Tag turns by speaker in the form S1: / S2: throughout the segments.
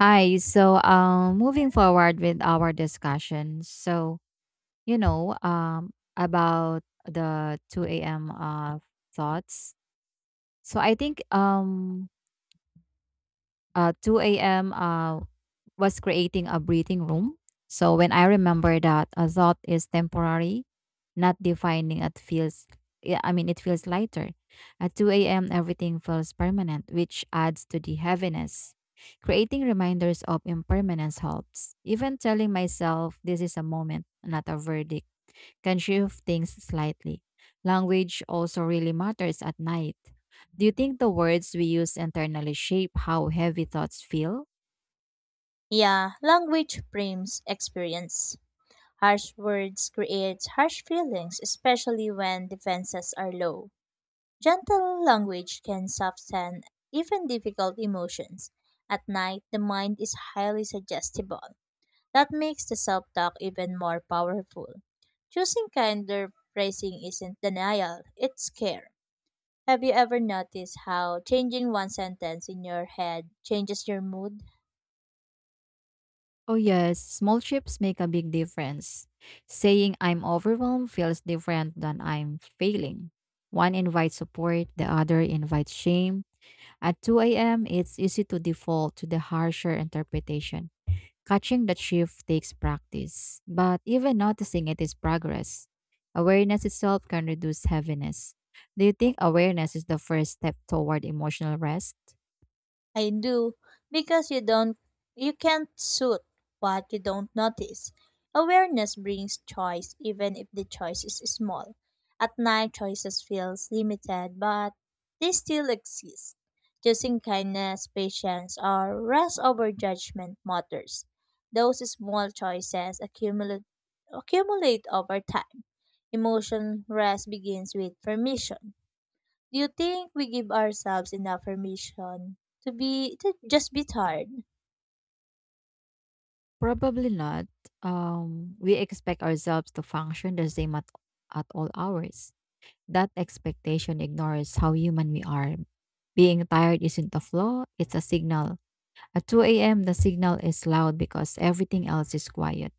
S1: Hi. Moving forward with our discussion. About the 2 a.m. Thoughts. So I think 2 a.m. Was creating a breathing room. So when I remember that a thought is temporary, not defining, it feels. Yeah, I mean, it feels lighter. At 2 a.m., everything feels permanent, which adds to the heaviness. Creating reminders of impermanence helps. Even telling myself this is a moment, not a verdict, can shift things slightly. Language also really matters at night. Do you think the words we use internally shape how heavy thoughts feel?
S2: Yeah, language frames experience. Harsh words create harsh feelings, especially when defenses are low. Gentle language can soften even difficult emotions. At night, the mind is highly suggestible. That makes the self talk even more powerful. Choosing kinder phrasing isn't denial, it's care. Have you ever noticed how changing one sentence in your head changes your mood?
S1: Oh, yes, small shifts make a big difference. Saying I'm overwhelmed feels different than I'm failing. One invites support, the other invites shame. At 2 a.m., it's easy to default to the harsher interpretation. Catching that shift takes practice, but even noticing it is progress. Awareness itself can reduce heaviness. Do you think awareness is the first step toward emotional rest?
S2: I do because you can't suit what you don't notice. Awareness brings choice even if the choice is small. At night choices feels limited but they still exist. Choosing kindness, patience or rest over judgment matters. Those small choices accumulate over time. Emotion rest begins with permission. Do you think we give ourselves enough permission to just be tired?
S1: Probably not. We expect ourselves to function the same at all hours. That expectation ignores how human we are. Being tired isn't a flaw, it's a signal. At 2 a.m., the signal is loud because everything else is quiet.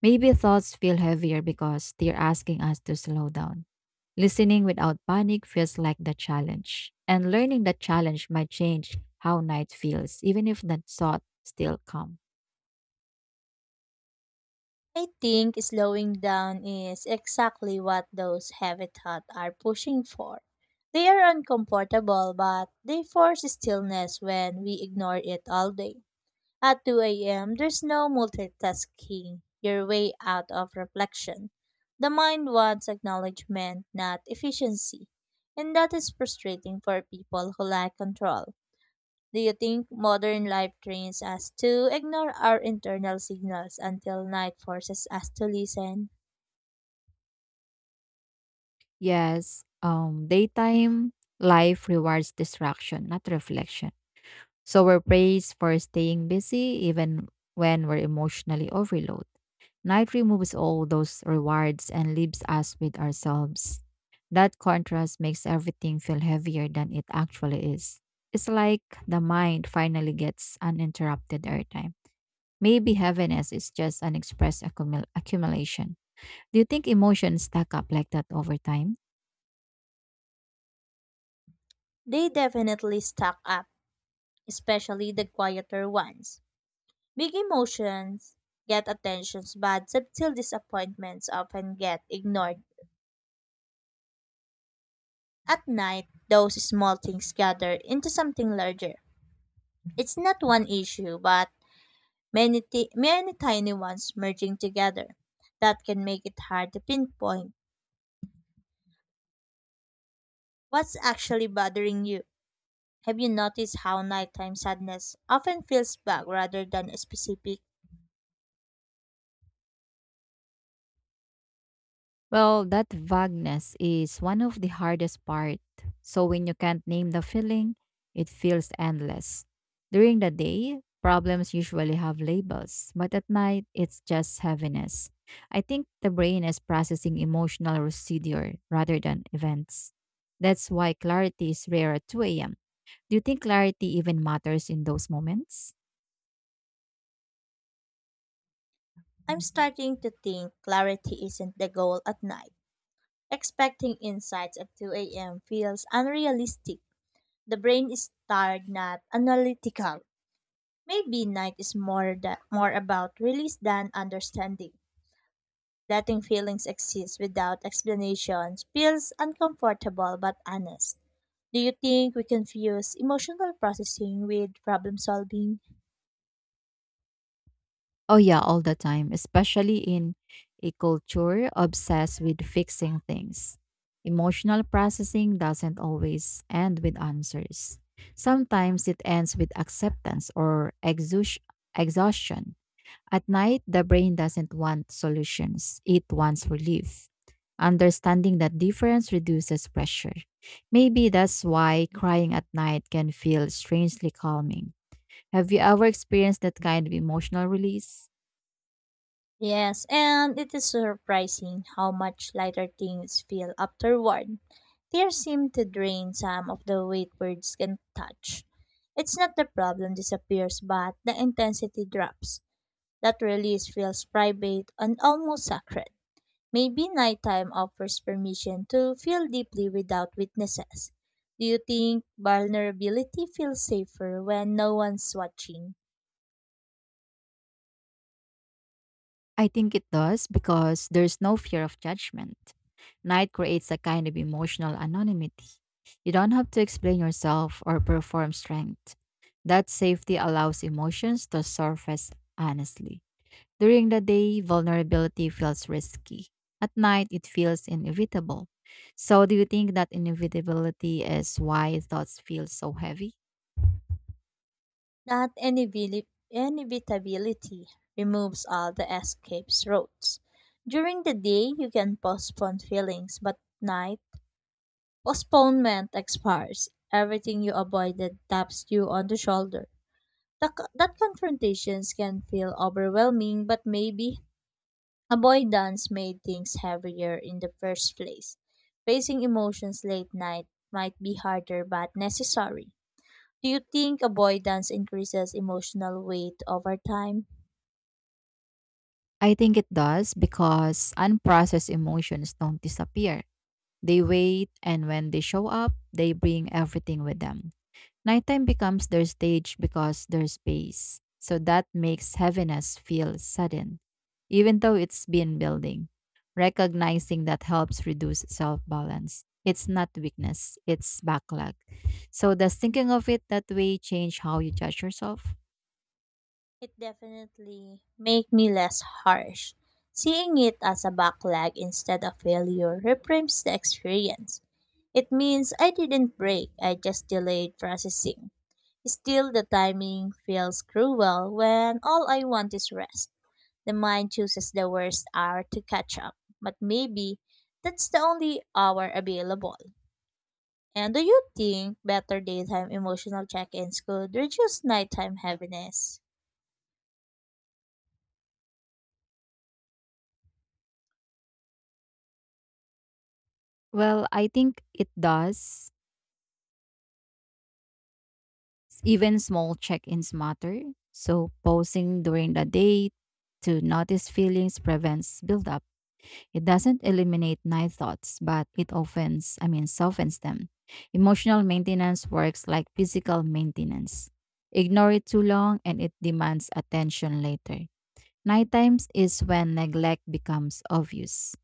S1: Maybe thoughts feel heavier because they're asking us to slow down. Listening without panic feels like the challenge. And learning the challenge might change how night feels, even if the thought still come.
S2: I think slowing down is exactly what those heavy thoughts are pushing for. They are uncomfortable, but they force stillness when we ignore it all day. At 2 a.m., there's no multitasking your way out of reflection. The mind wants acknowledgement, not efficiency. And that is frustrating for people who lack control. Do you think modern life trains us to ignore our internal signals until night forces us to listen?
S1: Yes, daytime life rewards distraction, not reflection. So we're praised for staying busy even when we're emotionally overloaded. Night removes all those rewards and leaves us with ourselves. That contrast makes everything feel heavier than it actually is. It's like the mind finally gets uninterrupted airtime. Maybe heaviness is just unexpressed accumulation. Do you think emotions stack up like that over time?
S2: They definitely stack up, especially the quieter ones. Big emotions get attentions, but subtle disappointments often get ignored. At night, those small things gather into something larger. It's not one issue, but many tiny ones merging together that can make it hard to pinpoint what's actually bothering you. Have you noticed how nighttime sadness often feels vague rather than specific?
S1: Well, that vagueness is one of the hardest part. So when you can't name the feeling, it feels endless. During the day, problems usually have labels, but at night, it's just heaviness. I think the brain is processing emotional residue rather than events. That's why clarity is rare at 2 a.m. Do you think clarity even matters in those moments?
S2: I'm starting to think clarity isn't the goal at night. Expecting insights at 2 a.m. feels unrealistic. The brain is tired, not analytical. Maybe night is more about release than understanding. Letting feelings exist without explanations feels uncomfortable but honest. Do you think we confuse emotional processing with problem solving?
S1: Oh yeah, all the time, especially in a culture obsessed with fixing things. Emotional processing doesn't always end with answers. Sometimes it ends with acceptance or exhaustion. At night, the brain doesn't want solutions, it wants relief. Understanding that difference reduces pressure. Maybe that's why crying at night can feel strangely calming. Have you ever experienced that kind of emotional release?
S2: Yes, and it is surprising how much lighter things feel afterward. Tears seem to drain some of the weight words can touch. It's not the problem disappears, but the intensity drops. That release feels private and almost sacred. Maybe nighttime offers permission to feel deeply without witnesses. Do you think vulnerability feels safer when no one's watching?
S1: I think it does because there's no fear of judgment. Night creates a kind of emotional anonymity. You don't have to explain yourself or perform strength. That safety allows emotions to surface honestly. During the day, vulnerability feels risky. At night, it feels inevitable. So, do you think that inevitability is why thoughts feel so heavy?
S2: That inevitability removes all the escape routes. During the day, you can postpone feelings, but night, postponement expires. Everything you avoided taps you on the shoulder. That confrontations can feel overwhelming, but maybe avoidance made things heavier in the first place. Facing emotions late night might be harder but necessary. Do you think avoidance increases emotional weight over time?
S1: I think it does because unprocessed emotions don't disappear. They wait, and when they show up, they bring everything with them. Nighttime becomes their stage because there's space. So that makes heaviness feel sudden, even though it's been building. Recognizing that helps reduce self balance. It's not weakness, it's backlog. So, does thinking of it that way change how you judge yourself?
S2: It definitely make me less harsh. Seeing it as a backlog instead of failure reframes the experience. It means I didn't break, I just delayed processing. Still, the timing feels cruel when all I want is rest. The mind chooses the worst hour to catch up, but maybe that's the only hour available. And do you think better daytime emotional check-ins could reduce nighttime heaviness?
S1: Well, I think it does. Even small check ins matter. So, pausing during the day to notice feelings prevents buildup. It doesn't eliminate night thoughts, but it offends, I mean, softens them. Emotional maintenance works like physical maintenance. Ignore it too long and it demands attention later. Night times is when neglect becomes obvious.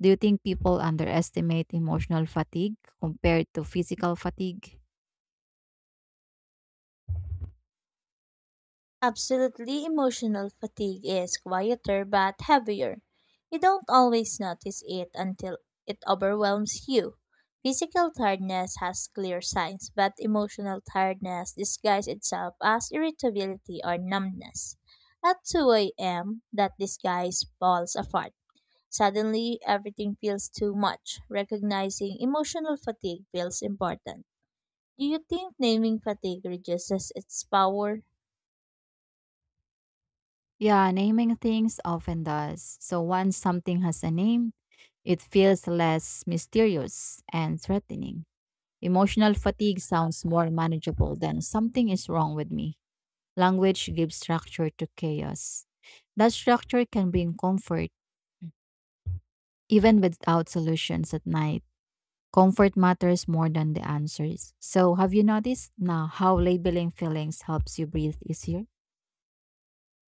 S1: Do you think people underestimate emotional fatigue compared to physical fatigue?
S2: Absolutely, emotional fatigue is quieter but heavier. You don't always notice it until it overwhelms you. Physical tiredness has clear signs, but emotional tiredness disguises itself as irritability or numbness. At 2 a.m., that disguise falls apart. Suddenly, everything feels too much. Recognizing emotional fatigue feels important. Do you think naming fatigue reduces its power?
S1: Yeah, naming things often does. So once something has a name, it feels less mysterious and threatening. Emotional fatigue sounds more manageable than something is wrong with me. Language gives structure to chaos. That structure can bring comfort even without solutions at night. Comfort matters more than the answers. So, have you noticed now how labeling feelings helps you breathe easier?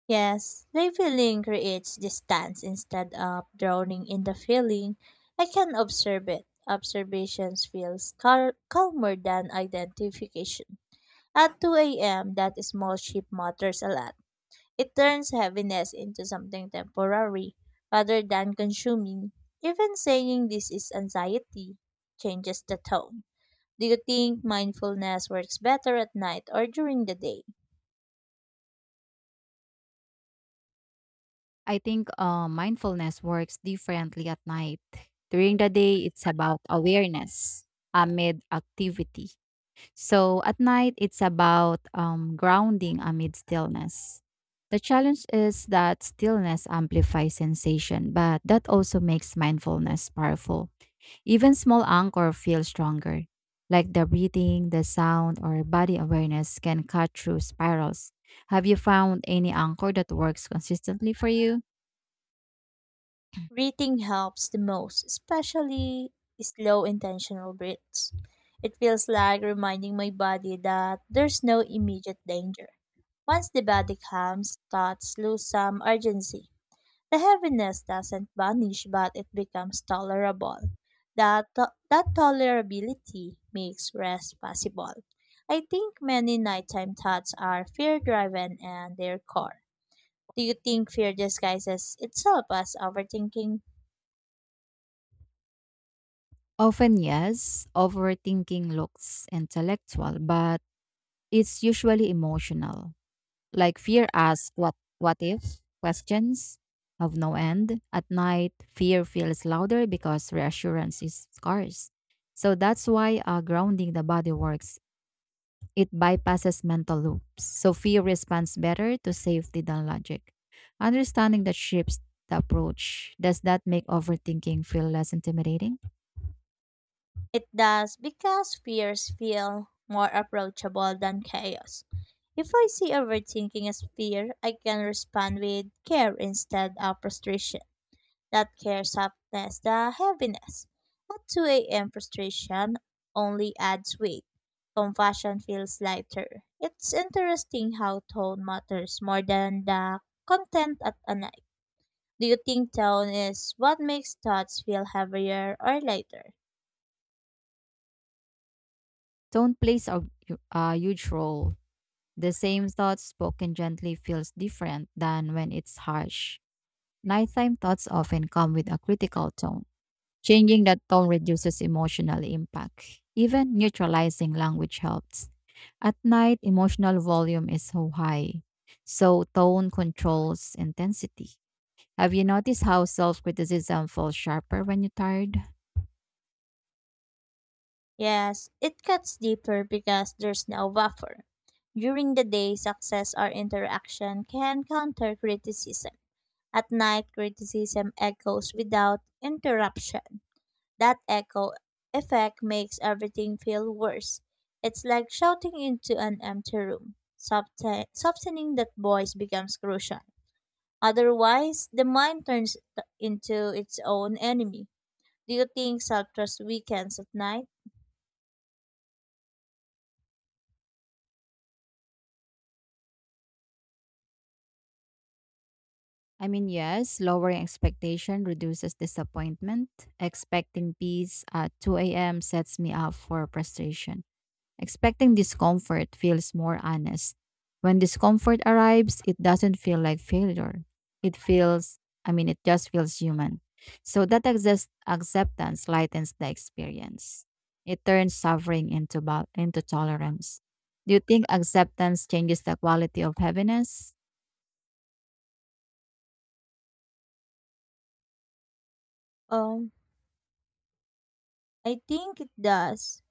S2: Yes, labeling creates distance instead of drowning in the feeling. I can observe it. Observations feels calmer than identification. At 2 a.m., that small shift matters a lot. It turns heaviness into something temporary rather than consuming. Even saying this is anxiety changes the tone. Do you think mindfulness works better at night or during the day?
S1: I think mindfulness works differently at night. During the day, it's about awareness amid activity. So at night, it's about grounding amid stillness. The challenge is that stillness amplifies sensation, but that also makes mindfulness powerful. Even small anchor feels stronger, like the breathing, the sound, or body awareness can cut through spirals. Have you found any anchor that works consistently for you?
S2: Breathing helps the most, especially slow intentional breaths. It feels like reminding my body that there's no immediate danger. Once the body calms, thoughts lose some urgency. The heaviness doesn't vanish, but it becomes tolerable. That tolerability makes rest possible. I think many nighttime thoughts are fear driven and their core. Do you think fear disguises itself as overthinking?
S1: Often, yes. Overthinking looks intellectual, but it's usually emotional. Like fear asks what if questions have no end. At night, fear feels louder because reassurance is scarce. So that's why grounding the body works. It bypasses mental loops, so fear responds better to safety than logic. Understanding that shifts the approach. Does that make overthinking feel less intimidating?
S2: It does because fears feel more approachable than chaos. If I see overthinking as fear, I can respond with care instead of frustration. That care softness, the heaviness. At 2 a.m. frustration only adds weight. Compassion feels lighter. It's interesting how tone matters more than the content at a night. Do you think tone is what makes thoughts feel heavier or lighter?
S1: Don't place a huge role. The same thought spoken gently feels different than when it's harsh. Nighttime thoughts often come with a critical tone. Changing that tone reduces emotional impact. Even neutralizing language helps. At night, emotional volume is so high, so tone controls intensity. Have you noticed how self criticism falls sharper when you're tired?
S2: Yes, it cuts deeper because there's no buffer. During the day, success or interaction can counter criticism. At night, criticism echoes without interruption. That echo effect makes everything feel worse. It's like shouting into an empty room. Softening that voice becomes crucial. Otherwise, the mind turns into its own enemy. Do you think self trust weakens at night?
S1: I mean, yes, lowering expectation reduces disappointment. Expecting peace at 2 a.m. sets me up for frustration. Expecting discomfort feels more honest. When discomfort arrives, it doesn't feel like failure. It feels, I mean, it just feels human. So that acceptance lightens the experience. It turns suffering into, bal into tolerance. Do you think acceptance changes the quality of happiness?
S2: Um, I think it does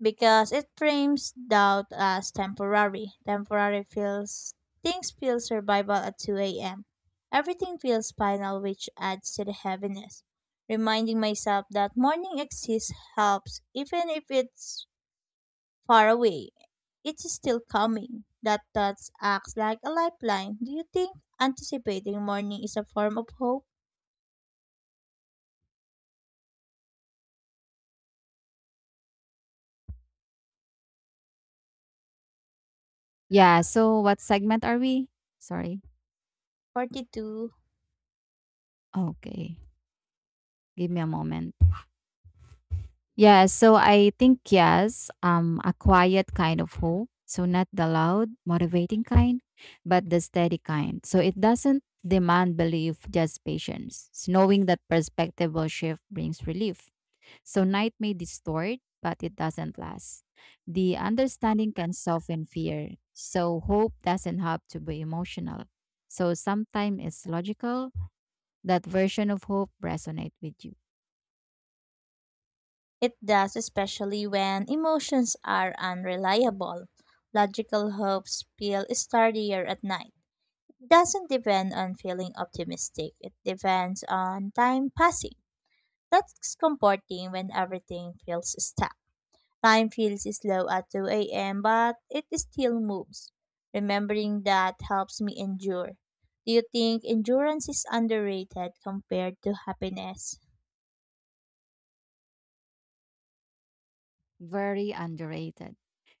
S2: because it frames doubt as temporary. Temporary feels Things feel survival at 2 a.m. Everything feels final, which adds to the heaviness. Reminding myself that morning exists helps, even if it's far away. It is still coming. That thoughts acts like a lifeline. Do you think anticipating morning is a form of hope?
S1: Yeah, so what segment are we? Sorry.
S2: 42.
S1: Okay. Give me a moment. Yeah, so I think yes, a quiet kind of hope. So not the loud, motivating kind, but the steady kind. So it doesn't demand belief, just patience. It's knowing that perspective will shift brings relief. So night may distort, but it doesn't last. The understanding can soften fear. So hope doesn't have to be emotional. So sometimes it's logical. That version of hope resonate with you.
S2: It does, especially when emotions are unreliable. Logical hopes feel sturdier at night. It doesn't depend on feeling optimistic, it depends on time passing. That's comforting when everything feels stuck. Time feels slow at 2 a.m., but it still moves. Remembering that helps me endure. Do you think endurance is underrated compared to happiness?
S1: Very underrated.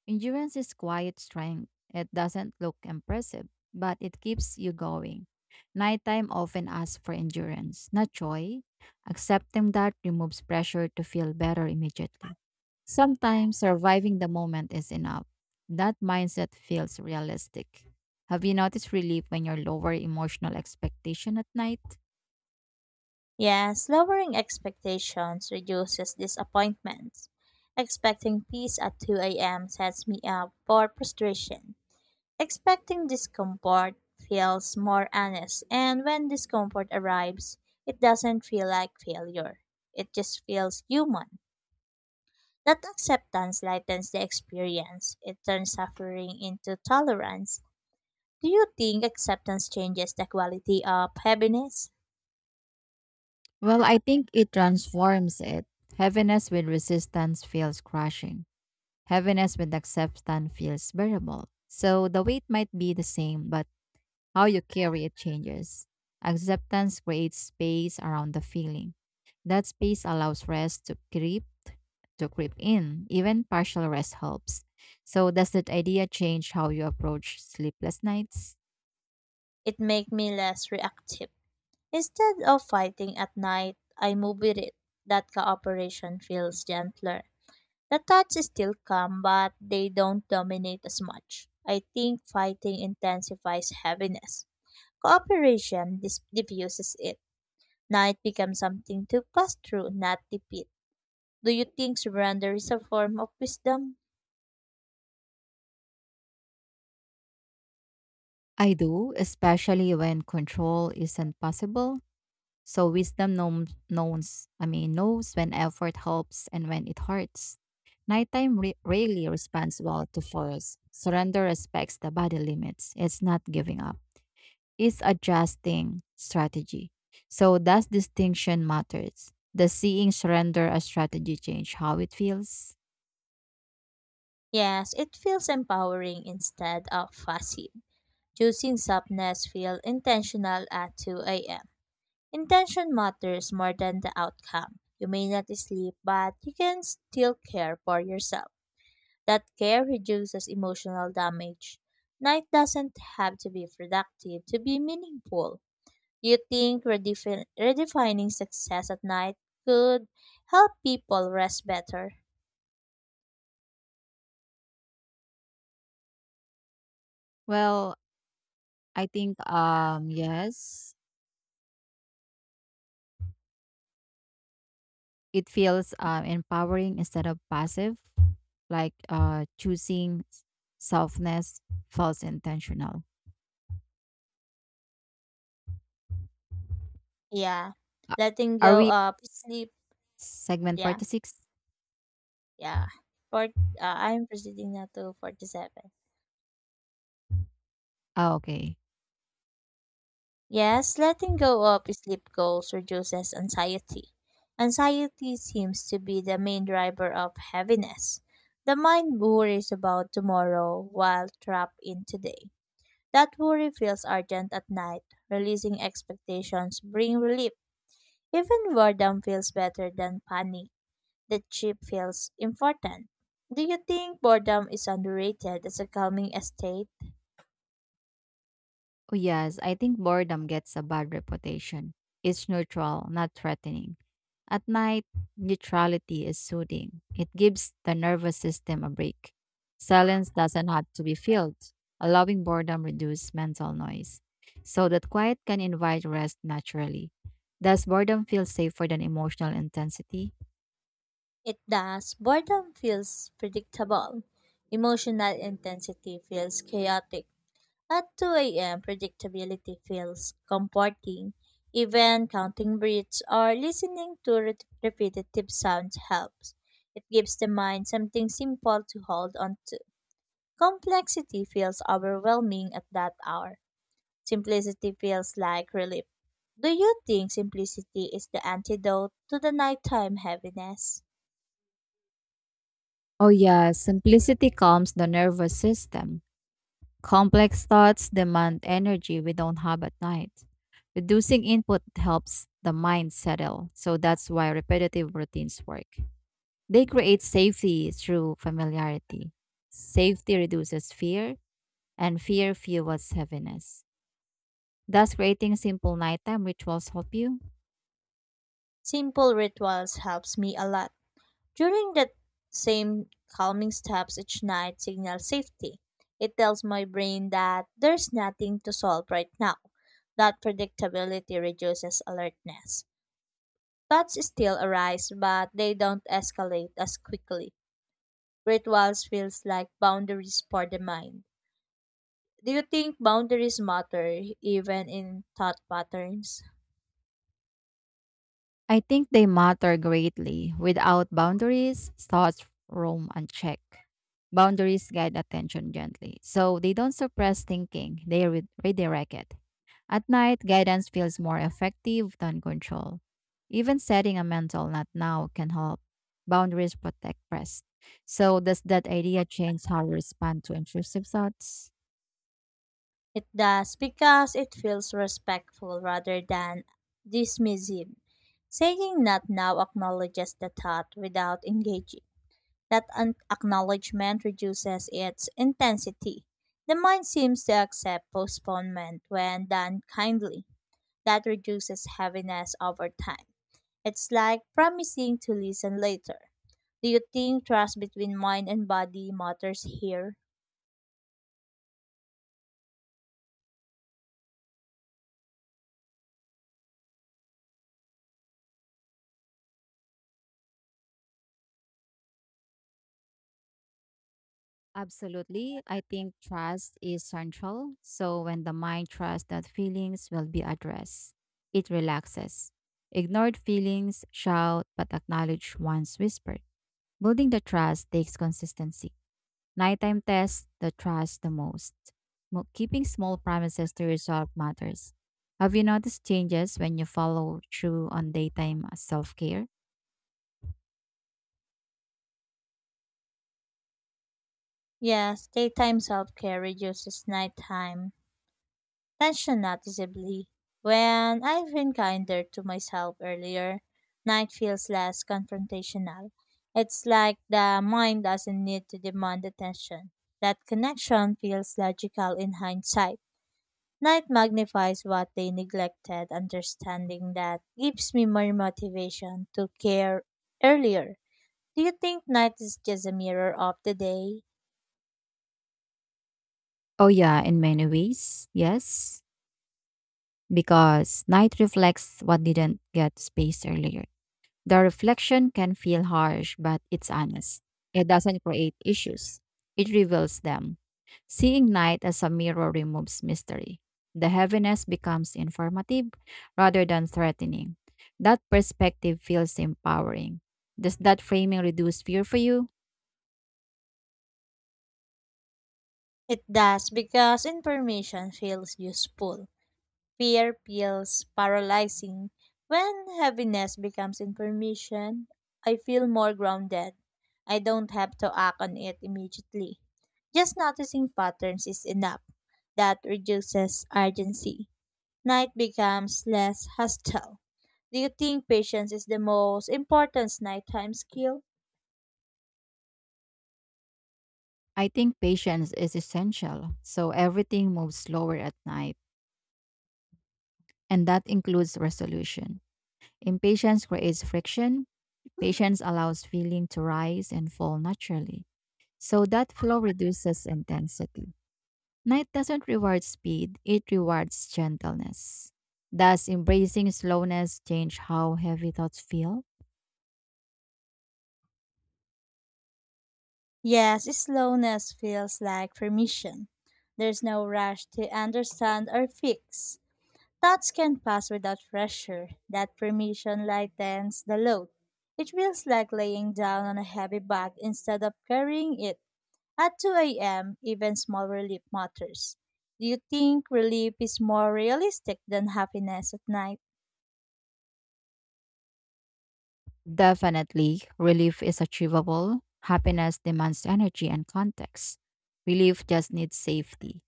S1: Endurance is quiet strength. It doesn't look impressive, but it keeps you going. Nighttime often asks for endurance, not joy. Accepting that removes pressure to feel better immediately. Sometimes surviving the moment is enough. That mindset feels realistic. Have you noticed relief when you're lower emotional expectation at night?
S2: Yes, lowering expectations reduces disappointments. Expecting peace at 2 a.m. sets me up for frustration. Expecting discomfort feels more honest, and when discomfort arrives, it doesn't feel like failure. It just feels human. That acceptance lightens the experience, it turns suffering into tolerance. Do you think acceptance changes the quality of happiness?
S1: Well, I think it transforms it. Heaviness with resistance feels crushing. Heaviness with acceptance feels bearable. So the weight might be the same, but how you carry it changes. Acceptance creates space around the feeling. That space allows rest to creep in. Even partial rest helps. So does that idea change how you approach sleepless nights?
S2: It makes me less reactive. Instead of fighting at night, I move with it. That cooperation feels gentler. The thoughts still come, but they don't dominate as much. I think fighting intensifies heaviness. Cooperation diffuses it. Night becomes something to pass through, not repeat. Do you think surrender is a form of wisdom?
S1: I do, especially when control isn't possible. So wisdom knows, I mean, knows when effort helps and when it hurts. Nighttime rarely responds well to force. Surrender respects the body limits. It's not giving up. It's adjusting strategy. So that distinction matters. Does seeing surrender a strategy change how it feels?
S2: Yes, it feels empowering instead of fussy. Choosing softness feels intentional at 2 a.m. Intention matters more than the outcome. You may not sleep, but you can still care for yourself. That care reduces emotional damage. Night doesn't have to be productive to be meaningful. Do you think redefining success at night could help people rest better?
S1: Well, I think yes, it feels empowering instead of passive, like choosing softness feels intentional.
S2: Yeah.
S1: A-
S2: Letting
S1: Are
S2: go
S1: we
S2: of sleep.
S1: segment
S2: Yeah.
S1: 46?
S2: Yeah. For, I'm proceeding now to 47.
S1: Oh, okay.
S2: Yes, letting go of sleep goals reduces anxiety. Anxiety seems to be the main driver of heaviness. The mind worries about tomorrow while trapped in today. That worry feels urgent at night. Releasing expectations bring relief. Even boredom feels better than panic. The chip feels important. Do you think boredom is underrated as a calming estate?
S1: Oh, yes, I think boredom gets a bad reputation. It's neutral, not threatening. At night, neutrality is soothing. It gives the nervous system a break. Silence doesn't have to be filled. Allowing boredom reduces mental noise, so that quiet can invite rest naturally. Does boredom feel safer than emotional intensity?
S2: It does. Boredom feels predictable. Emotional intensity feels chaotic. At 2 a.m., predictability feels comforting. Even counting breaths or listening to repetitive sounds helps. It gives the mind something simple to hold on to. Complexity feels overwhelming at that hour. Simplicity feels like relief. Do you think simplicity is the antidote to the nighttime heaviness?
S1: Oh, yeah, simplicity calms the nervous system. Complex thoughts demand energy we don't have at night. Reducing input helps the mind settle, so that's why repetitive routines work. They create safety through familiarity. Safety reduces fear, and fear fuels heaviness. Does creating simple nighttime rituals help you?
S2: Simple rituals helps me a lot. During that same calming steps each night signal safety. It tells my brain that there's nothing to solve right now. That predictability reduces alertness. Thoughts still arise, but they don't escalate as quickly. Rituals feels like boundaries for the mind. Do you think boundaries matter even in thought patterns?
S1: I think they matter greatly. Without boundaries, thoughts roam unchecked. Boundaries guide attention gently, so they don't suppress thinking, they redirect it. At night, guidance feels more effective than control. Even setting a mental not now can help. Boundaries protect rest. So, does that idea change how you respond to intrusive thoughts?
S2: It does because it feels respectful rather than dismissive. Saying not now acknowledges the thought without engaging. That acknowledgement reduces its intensity. The mind seems to accept postponement when done kindly. That reduces heaviness over time. It's like promising to listen later. Do you think trust between mind and body matters here?
S1: Absolutely. I think trust is central. So when the mind trusts that feelings will be addressed, it relaxes. Ignored feelings shout but acknowledge once whispered. Building the trust takes consistency. Nighttime tests the trust the most. Keeping small promises to resolve matters. Have you noticed changes when you follow through on daytime self care?
S2: Yes, daytime self care reduces nighttime tension noticeably. When I've been kinder to myself earlier, night feels less confrontational. It's like the mind doesn't need to demand attention. That connection feels logical in hindsight. Night magnifies what they neglected, understanding that gives me more motivation to care earlier. Do you think night is just a mirror of the day?
S1: Oh, yeah, in many ways. Yes. Because night reflects what didn't get space earlier. The reflection can feel harsh, but it's honest. It doesn't create issues, it reveals them. Seeing night as a mirror removes mystery. The heaviness becomes informative rather than threatening. That perspective feels empowering. Does that framing reduce fear for you?
S2: It does because information feels useful. Fear feels paralyzing. When heaviness becomes information, I feel more grounded. I don't have to act on it immediately. Just noticing patterns is enough. That reduces urgency. Night becomes less hostile. Do you think patience is the most important nighttime skill?
S1: I think patience is essential, so everything moves slower at night, and that includes resolution. Impatience creates friction. Patience allows feeling to rise and fall naturally. So that flow reduces intensity. Night doesn't reward speed, it rewards gentleness. Does embracing slowness change how heavy thoughts feel?
S2: Yes, slowness feels like permission. There's no rush to understand or fix. Thoughts can pass without pressure. That permission lightens the load. It feels like laying down on a heavy bag instead of carrying it. At 2 a.m., even small relief matters. Do you think relief is more realistic than happiness at night?
S1: Definitely, relief is achievable. Happiness demands energy and context. Relief just needs safety.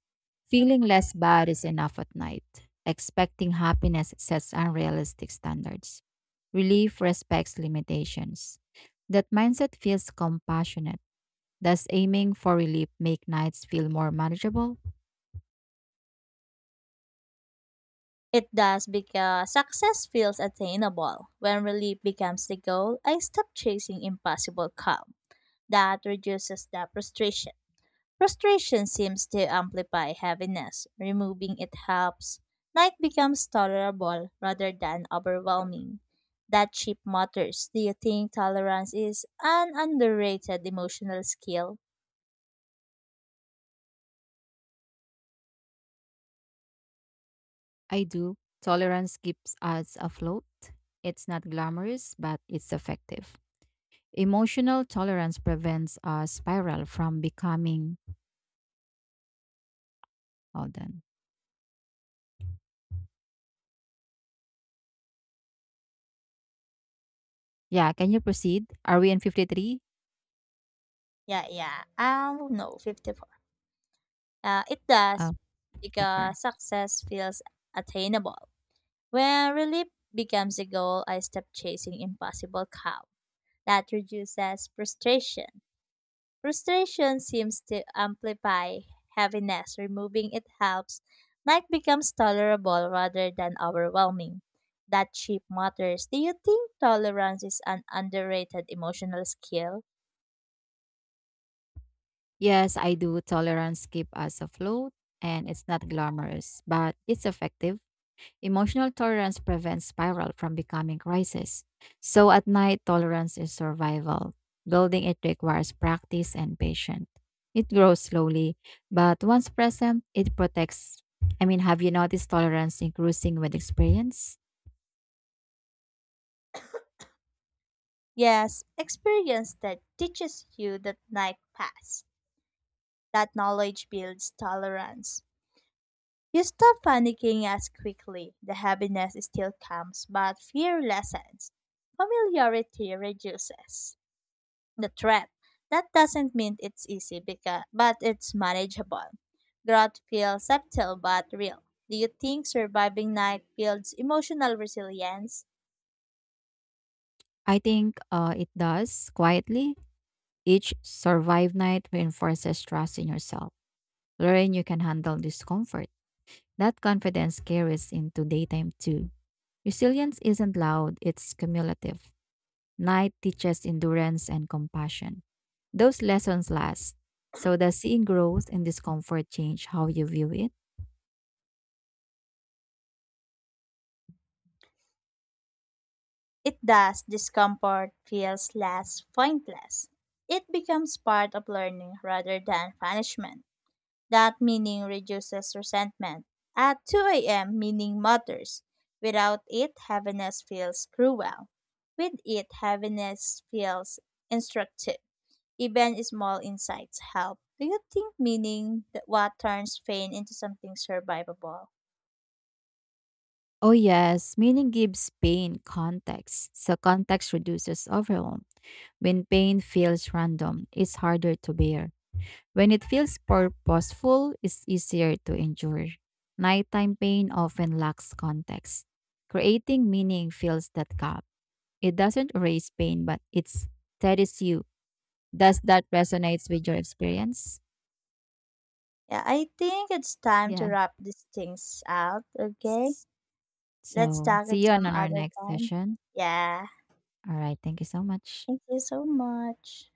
S1: Feeling less bad is enough at night. Expecting happiness sets unrealistic standards. Relief respects limitations. That mindset feels compassionate. Does aiming for relief make nights feel more manageable?
S2: It does because success feels attainable. When relief becomes the goal, I stop chasing impossible calm. That reduces the frustration. Frustration seems to amplify heaviness. Removing it helps. Night becomes tolerable rather than overwhelming. That chip matters. Do you think tolerance is an underrated emotional skill?
S1: I do. Tolerance keeps us afloat. It's not glamorous, but it's effective. Emotional tolerance prevents a spiral from becoming. Hold on. Yeah, can you proceed? Are we in 53?
S2: Yeah, yeah. No, 54. It does
S1: Oh, the far.
S2: because success feels attainable. When relief becomes a goal, I stop chasing impossible cow. That reduces frustration. Frustration seems to amplify heaviness. Removing it helps. Night becomes tolerable rather than overwhelming. That shape matters. Do you think tolerance is an underrated emotional skill?
S1: Yes, I do. Tolerance keep us afloat and it's not glamorous, but it's effective. Emotional tolerance prevents spiral from becoming crisis. So at night, tolerance is survival. Building it requires practice and patience. It grows slowly, but once present, it protects. I mean, have you noticed tolerance increasing with experience?
S2: Yes, experience that teaches you that night pass. That knowledge builds tolerance. You stop panicking as quickly. The heaviness still comes, but fear lessens. Familiarity reduces the threat. That doesn't mean it's easy, because, but it's manageable. Growth feels subtle but real. Do you think surviving night builds emotional resilience?
S1: I think it does quietly. Each survive night reinforces trust in yourself. Learn you can handle discomfort. That confidence carries into daytime too. Resilience isn't loud, it's cumulative. Night teaches endurance and compassion. Those lessons last. So does seeing growth and discomfort change how you view it?
S2: It does. Discomfort feels less pointless. It becomes part of learning rather than punishment. That meaning reduces resentment. At 2 a.m., meaning matters. Without it, heaviness feels cruel. With it, heaviness feels instructive. Even small insights help. Do you think meaning that what turns pain into something survivable?
S1: Oh yes, meaning gives pain context. So context reduces overwhelm. When pain feels random, it's harder to bear. When it feels purposeful, it's easier to endure. Nighttime pain often lacks context. Creating meaning fills that gap. It doesn't erase pain, but it steadies you. Does that resonates with your experience?
S2: Yeah, I think it's time to
S1: Yes.
S2: wrap these things out, okay? Let's
S1: So,
S2: talk
S1: see
S2: it
S1: you
S2: some
S1: on our
S2: other
S1: next
S2: time.
S1: session.
S2: Yeah.
S1: All right, thank you so much.
S2: Thank you so much.